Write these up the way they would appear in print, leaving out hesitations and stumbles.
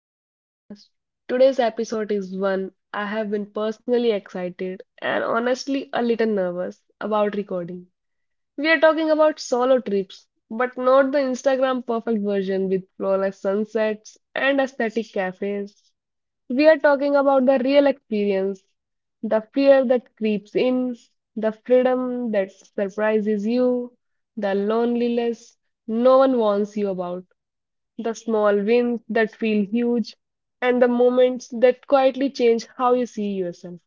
to the podcast. Today's episode is one I have been personally excited and honestly a little nervous about recording. We are talking about solo trips, but not the Instagram perfect version with flawless sunsets and aesthetic cafes. We are talking about the real experience, the fear that creeps in, the freedom that surprises you, the loneliness no one warns you about, the small wins that feel huge, and the moments that quietly change how you see yourself.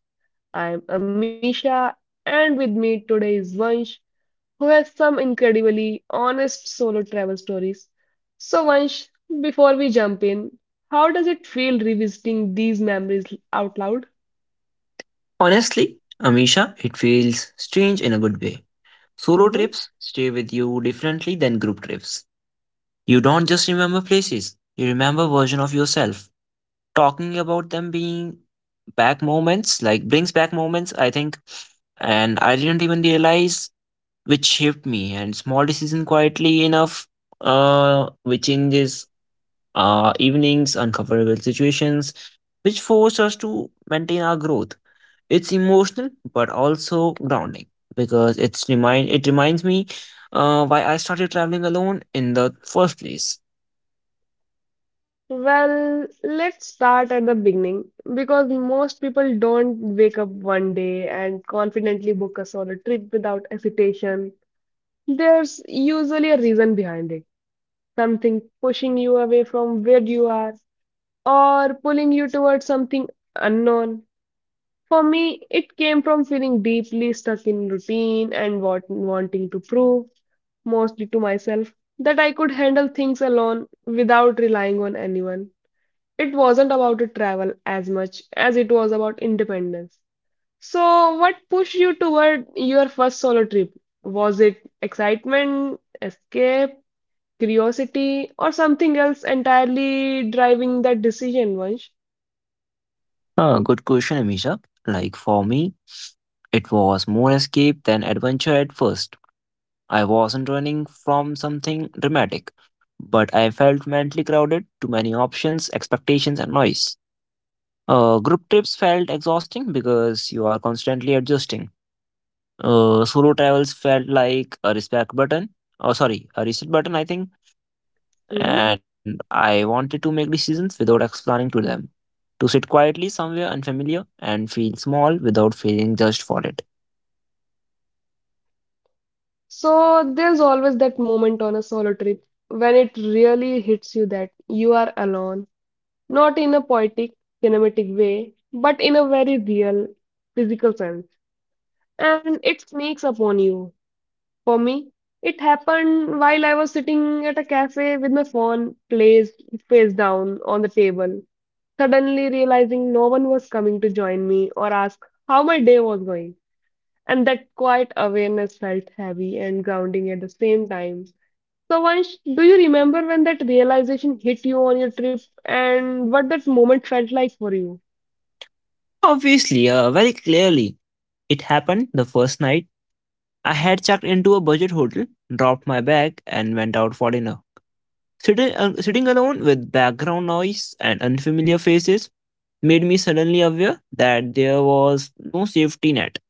I am Amisha, and with me today is Vansh, who has some incredibly honest solo travel stories. So, Vansh, before we jump in, how does it feel revisiting these memories out loud? Honestly, Amisha, it feels strange in a good way. Solo Mhm. trips stay with you differently than group trips. You don't just remember places, you remember version of yourself. Talking about them being back moments, like brings back moments, I think, and I didn't even realize which shaped me and small decision quietly enough which changes evenings, uncomfortable situations, which force us to maintain our growth. It's emotional but also grounding because it reminds me why I started traveling alone in the first place. Well, let's start at the beginning because most people don't wake up one day and confidently book a solo trip without hesitation. There's usually a reason behind it. Something pushing you away from where you are or pulling you towards something unknown. For me, it came from feeling deeply stuck in routine and wanting to prove, mostly to myself, that I could handle things alone without relying on anyone. It wasn't about to travel as much as it was about independence. So, what pushed you toward your first solo trip? Was it excitement, escape, curiosity, or something else entirely driving that decision, Vansh? Good question, Amisha. Like for me, it was more escape than adventure at first. I wasn't running from something dramatic, but I felt mentally crowded, too many options, expectations, and noise. Group trips felt exhausting because you are constantly adjusting. Solo travels felt like a respect button. Oh, sorry, a reset button, I think. Mhm. And I wanted to make decisions without explaining to them. To sit quietly somewhere unfamiliar and feel small without feeling judged for it. So there's always that moment on a solo trip when it really hits you that you are alone, not in a poetic, cinematic way, but in a very real, physical sense. And it sneaks upon you. For me, it happened while I was sitting at a cafe with my phone placed face down on the table, suddenly realizing no one was coming to join me or ask how my day was going. And that quiet awareness felt heavy and grounding at the same time. So, Vansh, do you remember when that realization hit you on your trip and what that moment felt like for you? Obviously, very clearly, it happened the first night. I had checked into a budget hotel, dropped my bag, and went out for dinner. Sitting alone with background noise and unfamiliar faces made me suddenly aware that there was no safety net.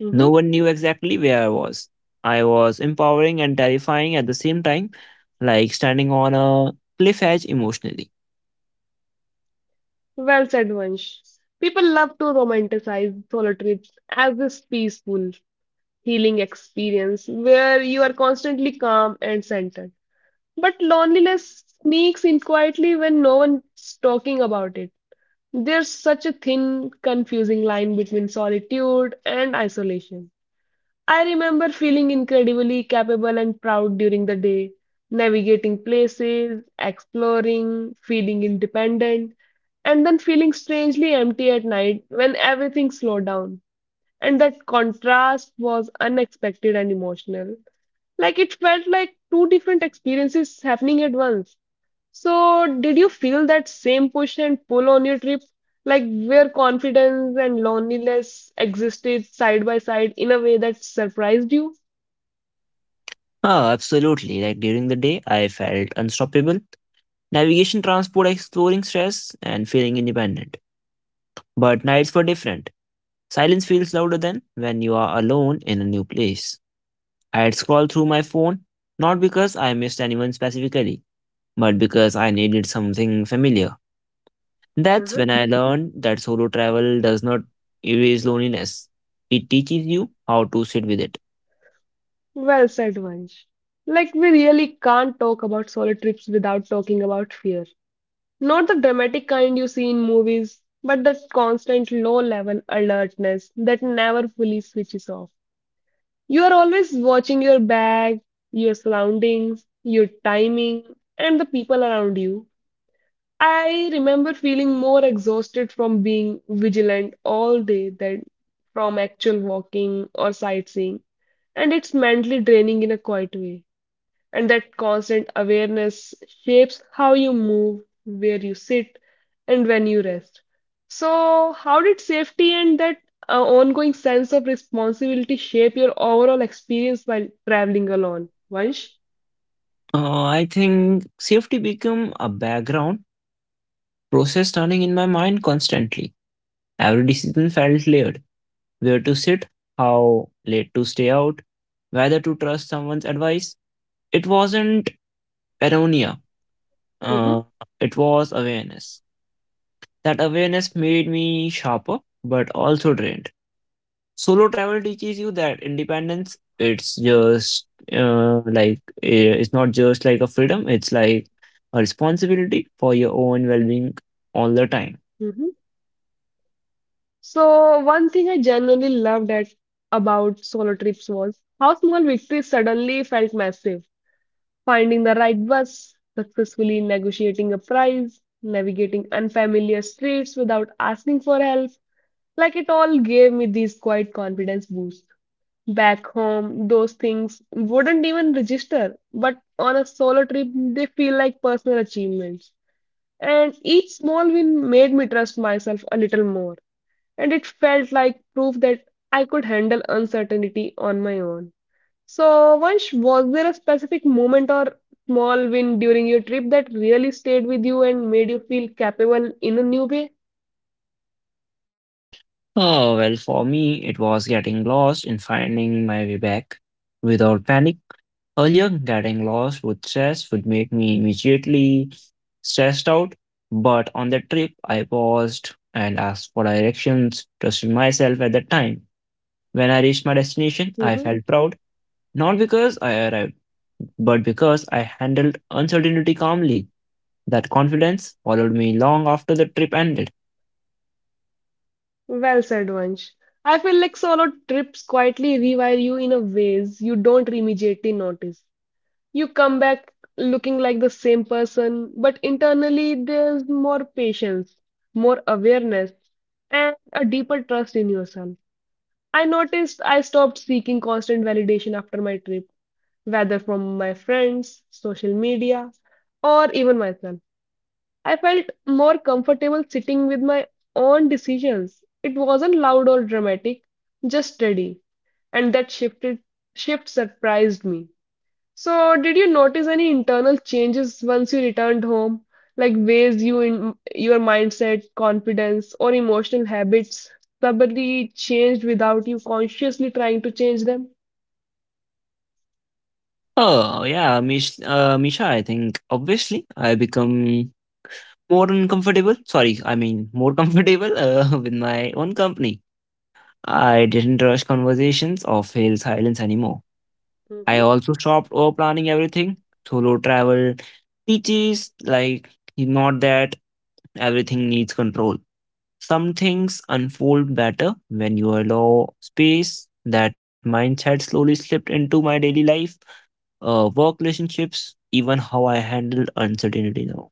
Hmm. No one knew exactly where I was. I was empowering and terrifying at the same time, like standing on a cliff edge emotionally. Well said, Vansh. People love to romanticize solo trips as this peaceful, healing experience where you are constantly calm and centered. But loneliness sneaks in quietly when no one's talking about it. There's such a thin, confusing line between solitude and isolation. I remember feeling incredibly capable and proud during the day, navigating places, exploring, feeling independent, and then feeling strangely empty at night when everything slowed down. And that contrast was unexpected and emotional. Like, it felt like two different experiences happening at once. So, did you feel that same push and pull on your trip? Like, where confidence and loneliness existed side by side in a way that surprised you? Oh, absolutely. Like during the day, I felt unstoppable. Navigation, transport, exploring stress, and feeling independent. But nights were different. Silence feels louder than when you are alone in a new place. I had scrolled through my phone, not because I missed anyone specifically, but because I needed something familiar. That's when I Mhm. learned that solo travel does not erase loneliness. It teaches you how to sit with it. Well said, Vansh. Like, we really can't talk about solo trips without talking about fear. Not the dramatic kind you see in movies, but that constant low level alertness that never fully switches off. You are always watching your bag, your surroundings, your timing, and the people around you. I remember feeling more exhausted from being vigilant all day than from actual walking or sightseeing. And it's mentally draining in a quiet way. And that constant awareness shapes how you move, where you sit, and when you rest. So, how did safety and that ongoing sense of responsibility shape your overall experience while traveling alone, Vansh? I think safety became a background process turning in my mind constantly. Every decision felt layered. Where to sit, how late to stay out, whether to trust someone's advice. It wasn't paranoia. Uh, Mm-hmm. it was awareness. That awareness made me sharper, but also drained. Solo travel teaches you that independence, it's not just like a freedom, it's like a responsibility for your own well being all the time. Mm-hmm. So, one thing I genuinely about solo trips was how small victories suddenly felt massive. Finding the right bus, successfully negotiating a price, navigating unfamiliar streets without asking for help, like, it all gave me this quiet confidence boost. Back home, those things wouldn't even register, but on a solo trip, they feel like personal achievements. And each small win made me trust myself a little more, and it felt like proof that I could handle uncertainty on my own. So, Vansh, was there a specific moment or small win during your trip that really stayed with you and made you feel capable in a new way? Oh, well, for me, it was getting lost and finding my way back without panic. Earlier, getting lost with stress would make me immediately stressed out, but on the trip, I paused and asked for directions, trusted myself at the time. When I reached my destination, I Hmm. felt proud. Not because I arrived, but because I handled uncertainty calmly. That confidence followed me long after the trip ended. Well said, Vansh. I feel like solo trips quietly rewire you in a ways you don't immediately notice. You come back looking like the same person, but internally there's more patience, more awareness, and a deeper trust in yourself. I noticed I stopped seeking constant validation after my trip, whether from my friends, social media, or even myself. I felt more comfortable sitting with my own decisions. It wasn't loud or dramatic, just steady, and that shift surprised me. So, did you notice any internal changes once you returned home, like ways you in your mindset, confidence, or emotional habits probably changed without you consciously trying to change them? Oh, yeah, Misha, I think obviously I become more uncomfortable. Sorry, I mean more comfortable with my own company. I didn't rush conversations or fail silence anymore. I Mhm. also stopped over planning everything. Solo travel teaches like not that everything needs control. Some things unfold better when you allow space. That mindset slowly slipped into my daily life, work relationships, even how I handle uncertainty now.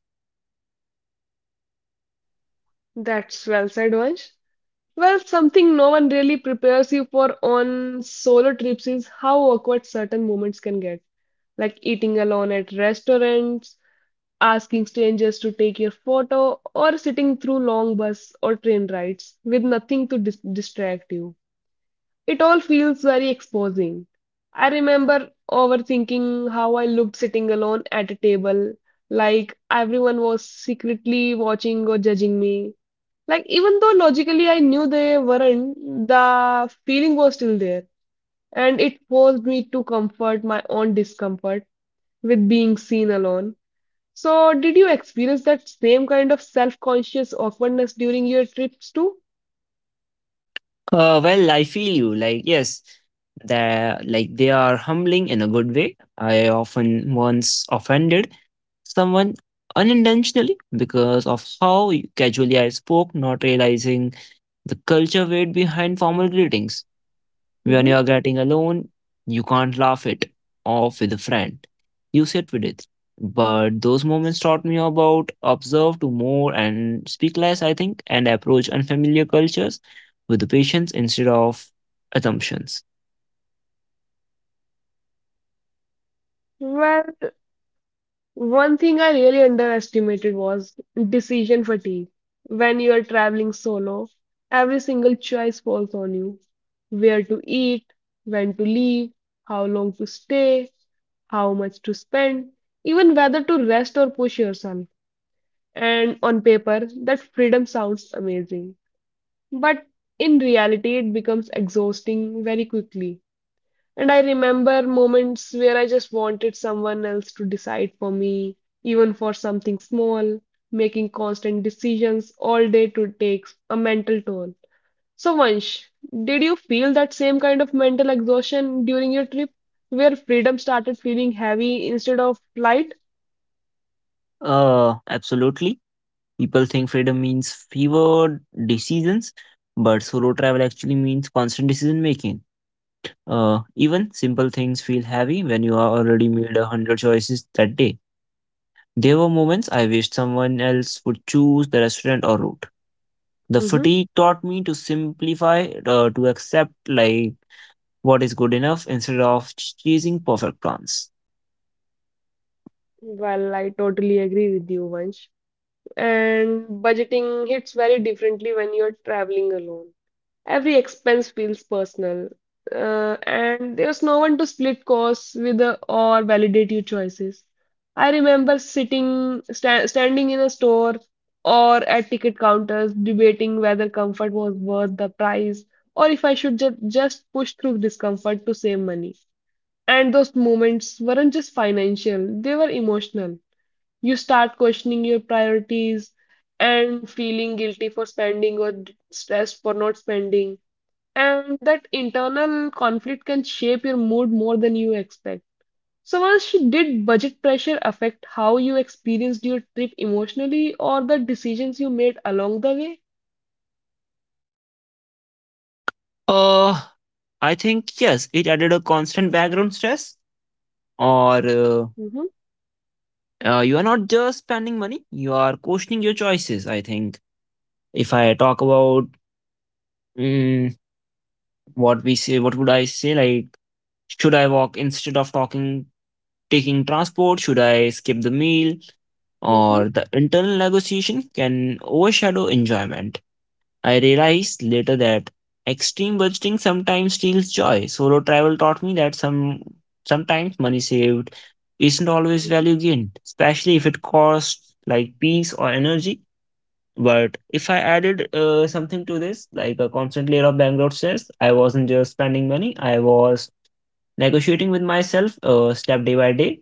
That's well said, Vansh. Well, something no one really prepares you for on solo trips is how awkward certain moments can get, like eating alone at restaurants, asking strangers to take your photo, or sitting through long bus or train rides with nothing to distract you. It all feels very exposing. I remember overthinking how I looked sitting alone at a table, like everyone was secretly watching or judging me. Like, even though logically I knew they weren't, the feeling was still there, and it forced me to comfort my own discomfort with being seen alone. So, did you experience that same kind of self-conscious awkwardness during your trips too? Well, I feel you. Like, yes, that like they are humbling in a good way. I often once offended someone unintentionally because of how casually I spoke, not realizing the culture weight behind formal greetings. When you are Hmm. getting alone, you can't laugh it off with a friend. You sit with it. But those moments taught me about observe to more and speak less, I think, and approach unfamiliar cultures with patience instead of assumptions. Well, one thing I really underestimated was decision fatigue. When you are traveling solo, every single choice falls on you. Where to eat, when to leave, how long to stay, how much to spend, even whether to rest or push yourself. And on paper, that freedom sounds amazing. But in reality, it becomes exhausting very quickly. And I remember moments where I just wanted someone else to decide for me, even for something small, making constant decisions all day to take a mental toll. So, Vansh, did you feel that same kind of mental exhaustion during your trip, where freedom started feeling heavy instead of light? Absolutely. People think freedom means fewer decisions, but solo travel actually means constant decision making. Even simple things feel heavy when you are already made a hundred choices that day. There were moments I wished someone else would choose the restaurant or route. The Hmm. fatigue taught me to simplify, to accept like what is good enough instead of chasing perfect plans. Well, I totally agree with you, Vansh. And budgeting hits very differently when you're traveling alone. Every expense feels personal, and there's no one to split costs with, or validate your choices. I remember sitting, sta standing in a store or at ticket counters, debating whether comfort was worth the price or if I should ju just push through discomfort to save money. And those moments weren't just financial, they were emotional. You start questioning your priorities and feeling guilty for spending or stressed for not spending. And that internal conflict can shape your mood more than you expect. So, Vansh, did budget pressure affect how you experienced your trip emotionally or the decisions you made along the way? Uh, I think yes, it added a constant background stress, or uh, Mm-hmm. uh, you are not just spending money; you are questioning your choices. I think if I talk about mm, what we say, what would I say? Like, should I walk instead of talking, taking transport? Should I skip the meal? Mm-hmm. Or the internal negotiation can overshadow enjoyment. I realized later that extreme budgeting sometimes steals joy. Solo travel taught me that sometimes money saved isn't always Mm-hmm. value gained, especially if it costs like peace or energy. But if I added something to this, like a constant layer of background stress, I wasn't just spending money. I was negotiating with myself step day by day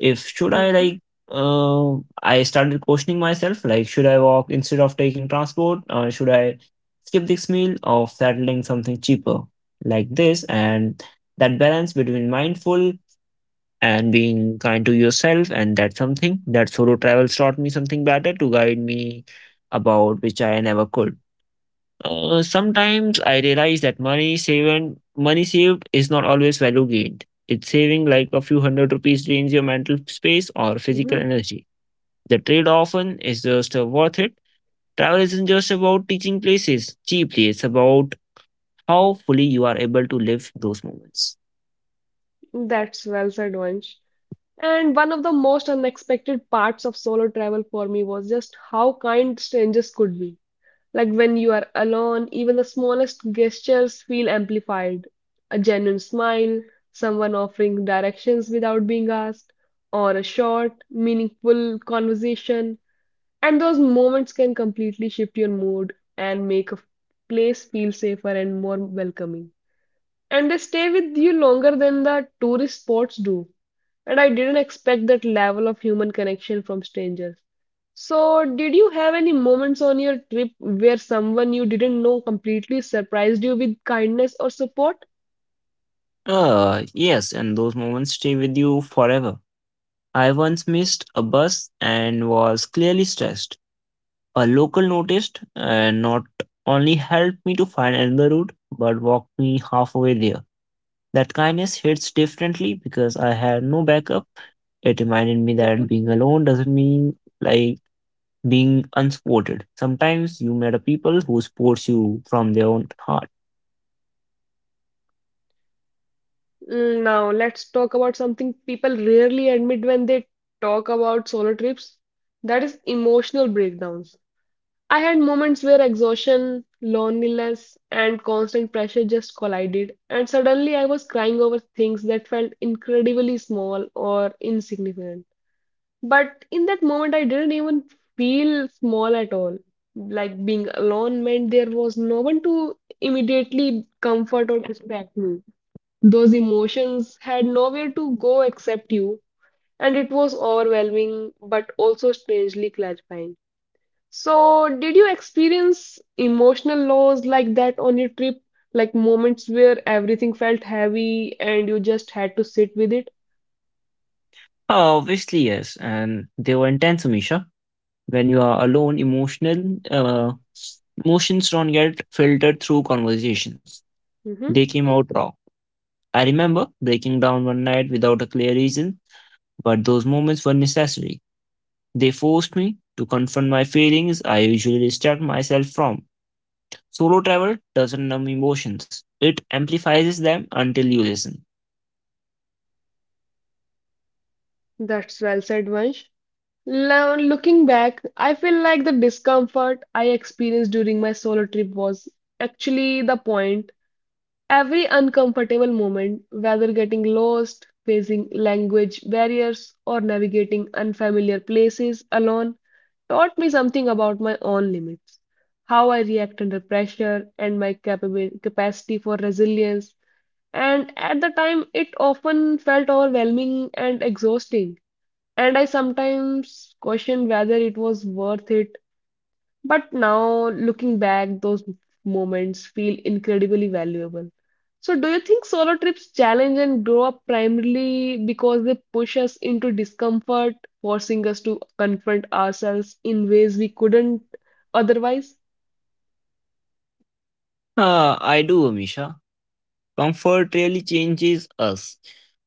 if should I Mm-hmm. like uh, I started questioning myself, like should I walk instead of taking transport, or should I skip this meal or settling something cheaper like this? And that balance between mindful and being kind to yourself, and that's something that solo travels taught me something better to guide me about which I never could. Sometimes I realize that money saved is not always value gained. It's saving like a few hundred rupees drains your mental space or physical Mm-hmm. energy. The trade often is just worth it. Travel isn't just about teaching places cheaply, it's about how fully you are able to live those moments. That's well said, Vansh. And one of the most unexpected parts of solo travel for me was just how kind strangers could be. Like, when you are alone, even the smallest gestures feel amplified. A genuine smile, someone offering directions without being asked, or a short, meaningful conversation. And those moments can completely shift your mood and make a place feel safer and more welcoming, and they stay with you longer than the tourist spots do. And I didn't expect that level of human connection from strangers. So, did you have any moments on your trip where someone you didn't know completely surprised you with kindness or support? Yes, and those moments stay with you forever. I once missed a bus and was clearly stressed. A local noticed and not only helped me to find another route, but walked me halfway there. That kindness hits differently because I had no backup. It reminded me Mhm. that being alone doesn't mean like being unsupported. Sometimes you met a people who supports you from their own heart. Mm. Now, let's talk about something people rarely admit when they talk about solo trips. That is emotional breakdowns. I had moments where exhaustion, loneliness, and constant pressure just collided, and suddenly I was crying over things that felt incredibly small or insignificant. But in that moment, I didn't even feel small at all. Like, being alone meant there was no one to immediately comfort or distract me. Those emotions had nowhere to go except you, and it was overwhelming but also strangely clarifying. So, did you experience emotional lows like that on your trip? Like, moments where everything felt heavy and you just had to sit with it? Oh, obviously, yes, and they were intense, Misha. When you are alone, emotional emotions don't get filtered through conversations. They Hmm. came out raw. I remember breaking down one night without a clear reason, but those moments were necessary. They forced me to confront my feelings I usually distract myself from. Solo travel doesn't numb emotions, it amplifies them until you listen. That's well said, Vansh. Now, looking back, I feel like the discomfort I experienced during my solo trip was actually the point. Every uncomfortable moment, whether getting lost, facing language barriers, or navigating unfamiliar places alone, taught me something about my own limits, how I react under pressure, and my capacity for resilience. And at the time, it often felt overwhelming and exhausting. And I sometimes questioned whether it was worth it, but now, looking back, those moments feel incredibly valuable. So, do you think solo trips challenge and grow up primarily because they push us into discomfort, forcing us to confront ourselves in ways we couldn't otherwise? Ah, I do, Amisha. Comfort really changes us.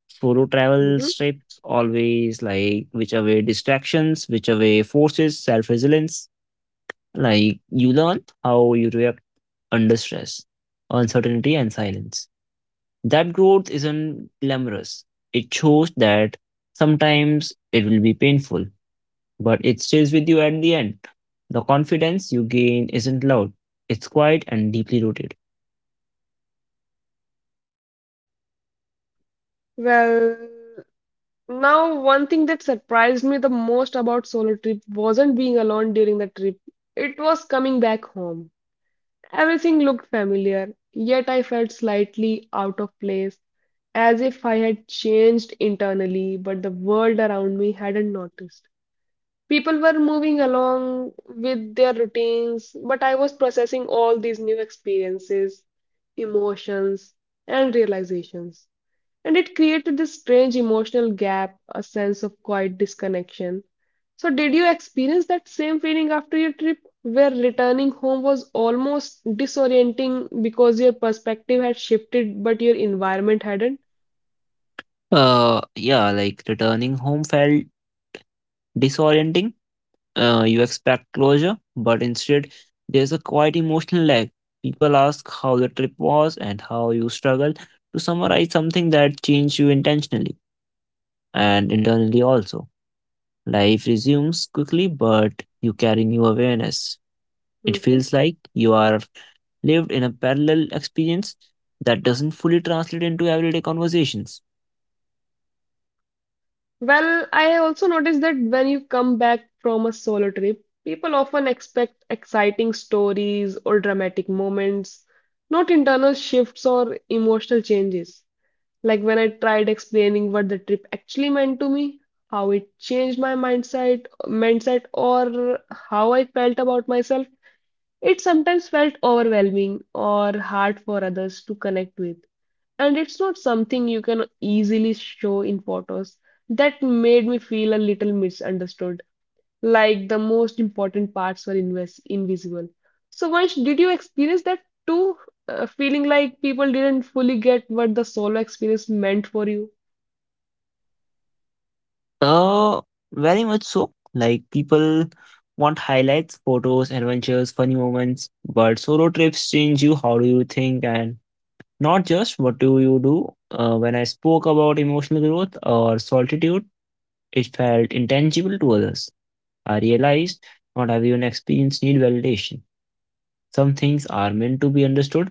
Solo travel Mhm. strips always like which away distractions, which away forces, self resilience. Like you learn how you react under stress, uncertainty, and silence. That growth isn't glamorous. It shows that sometimes it will be painful, but it stays with you at the end. The confidence you gain isn't loud, it's quiet and deeply rooted. Well, now, one thing that surprised me the most about solo trip wasn't being alone during the trip, it was coming back home. Everything looked familiar, yet I felt slightly out of place, as if I had changed internally, but the world around me hadn't noticed. People were moving along with their routines, but I was processing all these new experiences, emotions, and realizations. And it created this strange emotional gap, a sense of quiet disconnection. So, did you experience that same feeling after your trip, where returning home was almost disorienting because your perspective had shifted but your environment hadn't? Yeah, like returning home felt disorienting. You expect closure, but instead, there's a quite emotional lag. People ask how the trip was and how you struggled to summarize something that changed you intentionally and internally also. Life resumes quickly, but you carry new awareness. It Mhm. feels like you are lived in a parallel experience that doesn't fully translate into everyday conversations. Well, I also noticed that when you come back from a solo trip, people often expect exciting stories or dramatic moments, not internal shifts or emotional changes. Like when I tried explaining what the trip actually meant to me, how it changed my mindset or how I felt about myself, it sometimes felt overwhelming or hard for others to connect with. And it's not something you can easily show in photos. That made me feel a little misunderstood, like the most important parts were invisible. So, Vansh, did you experience that too? Feeling like people didn't fully get what the solo experience meant for you. Uh, Very much so. Like people want highlights, photos, adventures, funny moments, but solo trips change you. How do you think? And not just what do you do. When I spoke about emotional growth or solitude, it felt intangible to others. I realized not everyone experience need validation. Some things are meant to be understood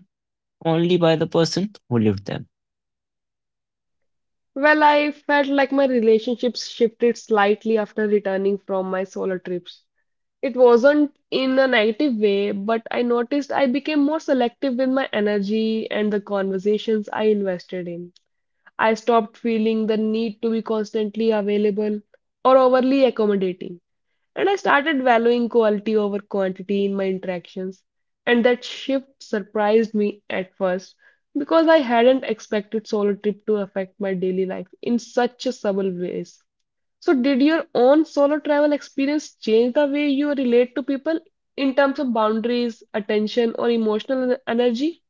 only by the person who lived them. Well, I felt like my relationships shifted slightly after returning from my solo trips. It wasn't in a negative way, but I noticed I became more selective with my energy and the conversations I invested in. I stopped feeling the need to be constantly available or overly accommodating. And I started valuing quality over quantity in my interactions. And that shift surprised me at first because I hadn't expected solo trip to affect my daily life in such a subtle ways. So did your own solo travel experience change the way you relate to people in terms of boundaries, attention, or emotional energy?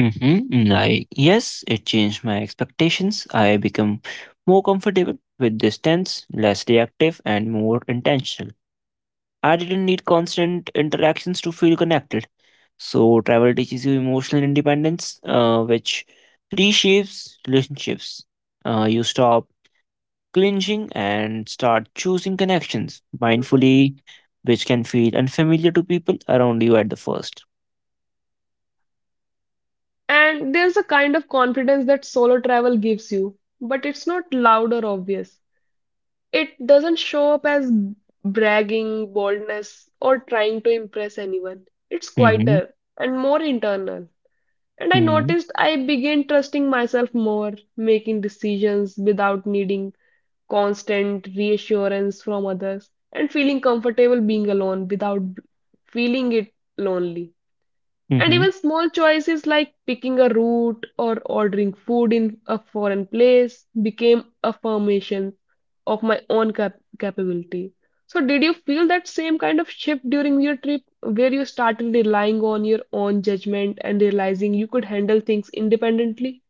Mm-hmm. Like, yes, it changed my expectations. I become more comfortable with distance, less reactive, and more intentional. I didn't need constant interactions to feel connected. So, travel teaches you emotional independence, which reshapes relationships. You stop clinching and start choosing connections Mhm. mindfully, which can feel unfamiliar to people around you at the first. And there's a kind of confidence that solo travel gives you, but it's not loud or obvious. It doesn't show up as bragging, boldness, or trying to impress anyone. It's Mm-hmm. quieter and more internal. And I Mm-hmm. noticed I began trusting myself more, making decisions without needing constant reassurance from others, and feeling comfortable being alone without feeling it lonely. And Mm-hmm. even small choices like picking a route or ordering food in a foreign place became affirmations of my own capability. So, did you feel that same kind of shift during your trip where you started relying on your own judgment and realizing you could handle things independently?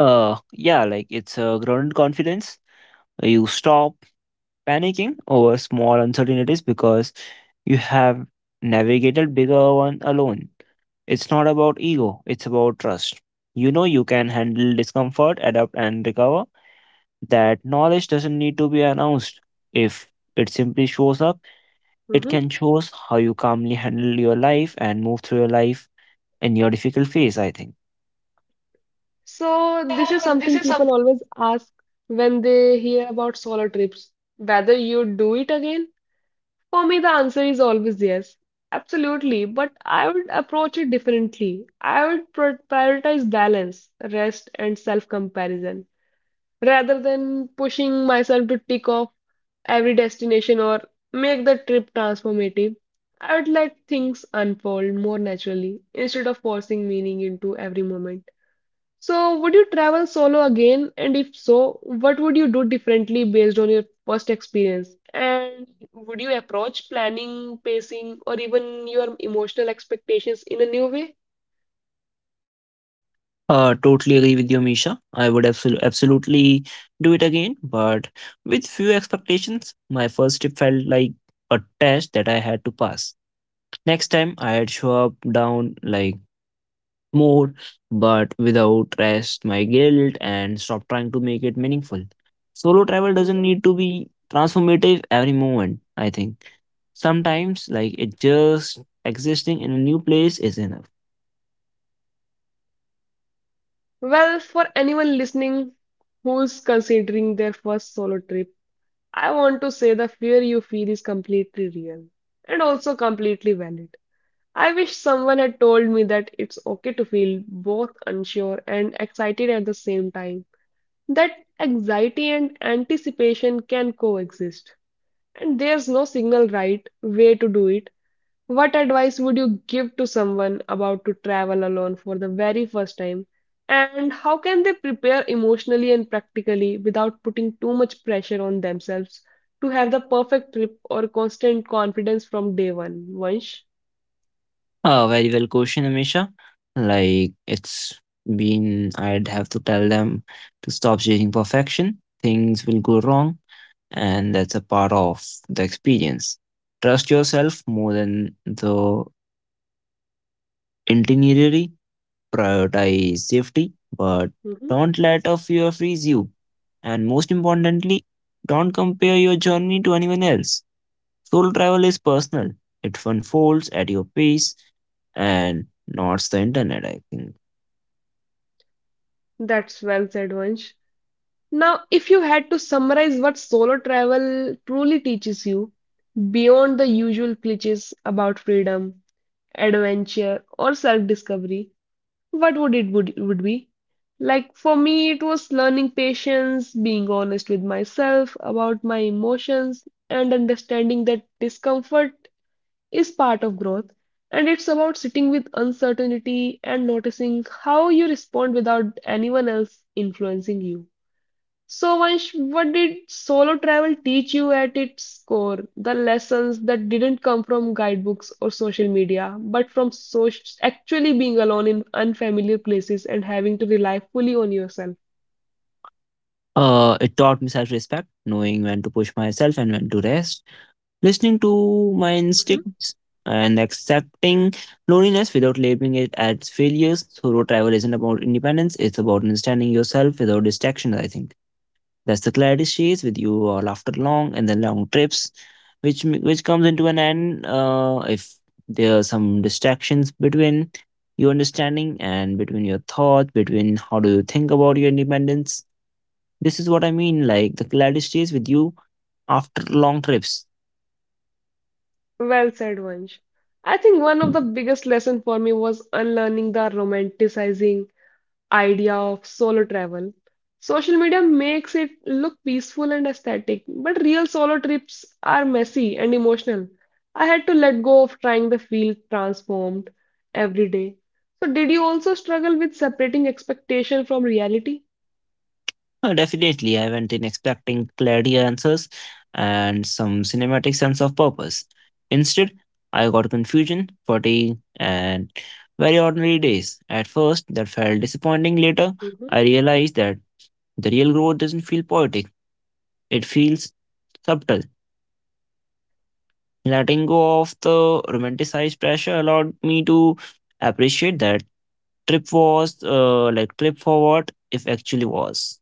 Yeah, like it's a grounded confidence. You stop panicking over small uncertainties because you have navigated bigger one alone. It's not about ego, it's about trust. You know you can handle discomfort, adapt, and recover. That knowledge doesn't need to be announced if it simply shows up. It Mhm. can shows how you calmly handle your life and move through your life in your difficult phase, I think. So, this is This something is people something. always ask when they hear about solo trips, whether you do it again. For me, the answer is always yes. Absolutely, but I would approach it differently. I would pr prioritize balance, rest, and self-comparison rather than pushing myself to tick off every destination or make the trip transformative. I would let things unfold more naturally instead of forcing meaning into every moment. So, would you travel solo again? And if so, what would you do differently based on your first experience? And would you approach planning, pacing, or even your emotional expectations in a new way? Totally agree with you, Misha. I would absolutely do it again, but with few expectations. My first trip felt like a test that I had to pass. Next time, I had show up down like more, but without rest, my guilt, and stop trying to make it meaningful. Solo travel doesn't Mhm. need to be transformative every moment, I think. Sometimes, like it just existing in a new place is enough. Well, for anyone listening who's considering their first solo trip, I want to say the fear you feel is completely real and also completely valid. I wish someone had told me that it's okay to feel both unsure and excited at the same time. That anxiety and anticipation can coexist. And there's no single right way to do it. What advice would you give to someone about to travel alone for the very first time? And how can they prepare emotionally and practically without putting too much pressure on themselves to have the perfect trip or constant confidence from day one? Vansh? Very well question, Amisha. Like it's been, I'd have to tell them to stop chasing perfection. Things will go wrong, and that's a part of the experience. Trust yourself more than the itinerary. Prioritize safety, but Mhm. don't let a fear freeze you. And most importantly, don't compare your journey to anyone else. Soul travel is personal. It unfolds at your pace and not the internet, I think. That's well said, Vansh. Now, if you had to summarize what solo travel truly teaches you, beyond the usual cliches about freedom, adventure, or self-discovery, what would it would be? Like for me, it was learning patience, being honest with myself about my emotions, and understanding that discomfort is part of growth. And it's about sitting with uncertainty and noticing how you respond without anyone else influencing you. So, Vansh, what did solo travel teach you at its core? The lessons that didn't come from guidebooks or social media, but from actually being alone in unfamiliar places and having to rely fully on yourself. It taught me self respect, knowing when to push myself and when to rest, listening to my Mhm. instincts, and accepting loneliness without labeling it as failures. Solo travel isn't about independence, it's about understanding yourself without distractions, I think. That's the clarity stays with you all after long and then long trips, which which comes into an end if there are some distractions between your understanding and between your thought, between how do you think about your independence. This is what I mean. Like the clarity stays with you after long trips. Well said, Vansh. I think one of the biggest lessons for me was unlearning the romanticizing idea of solo travel. Social media makes it look peaceful and aesthetic, but real solo trips are messy and emotional. I had to let go of trying to feel transformed every day. So, did you also struggle with separating expectation from reality? Oh, definitely, I went in expecting clarity answers and some cinematic sense of purpose. Instead, I got confusion, fatigue, and very ordinary days. At first, that felt disappointing. Later, Mhm. I realized that the real growth doesn't feel poetic, it feels subtle. Letting go of the romanticized pressure allowed me to appreciate that trip was like trip for what if actually was.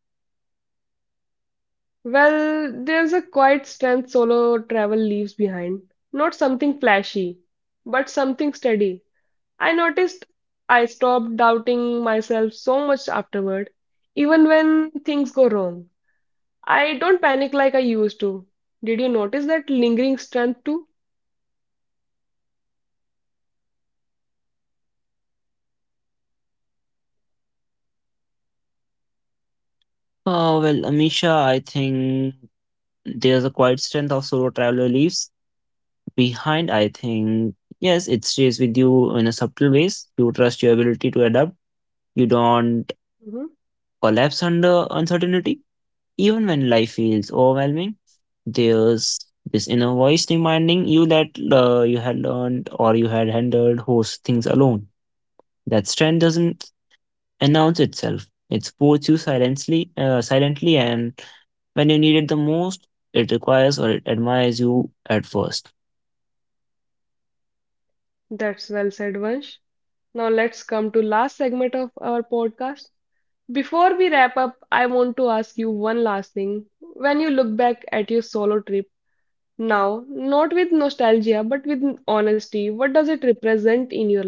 Well, there's a quiet strength solo travel leaves behind. Not something flashy, but something steady. I noticed I stopped doubting myself so much afterward, even when things go wrong. I don't panic like I used to. Did you notice that lingering strength too? Oh well, Amisha, I think there's a quiet strength of solo traveler leaves behind, I think. Yes, it stays with you in a subtle ways. You trust your ability to adapt. You don't Mhm. collapse under uncertainty. Even when life feels overwhelming, there's this inner voice reminding you that you had learned or you had handled those things alone. That strength doesn't announce itself. It supports you silently, and when you need it the most, it requires or it admires you at first. That's well said, Vansh. Now let's come to last segment of our podcast. Before we wrap up, I want to ask you one last thing. When you look back at your solo trip now, not with nostalgia, but with honesty, what does it represent in your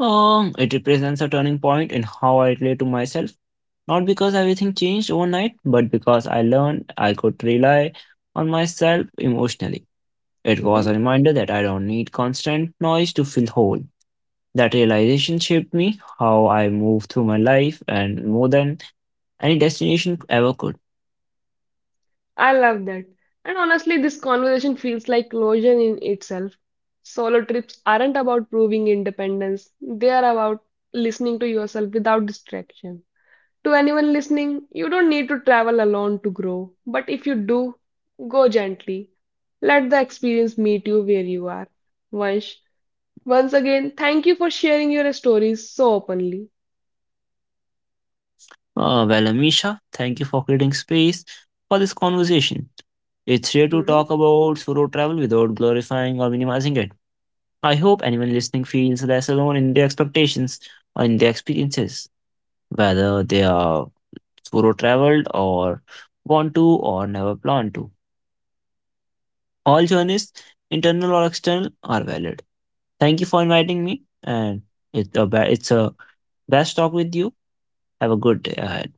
It represents a turning point in how I relate to myself. Not because everything changed overnight, but because I learned I could rely on myself emotionally. It was life? a reminder that I don't need constant noise to feel whole. That realization shaped me, how I move through my life, and more than any destination ever could. I love that. And honestly, this conversation feels like closure in itself. Solo trips aren't about proving independence, they are about listening to yourself without distraction. To anyone listening, you don't need to travel alone to grow, but if you do, go gently. Let the experience meet you where you are. Vansh, once again, thank you for sharing your stories so openly. Well, Amisha, thank you for creating space for this conversation. It's here to Mhm. talk about solo travel without glorifying or minimizing it. I hope anyone listening feels less alone in their expectations or in their experiences, whether they are solo traveled or want to or never plan to. All journeys, internal or external, are valid. Thank you for inviting me, and it's a best talk with you. Have a good day ahead.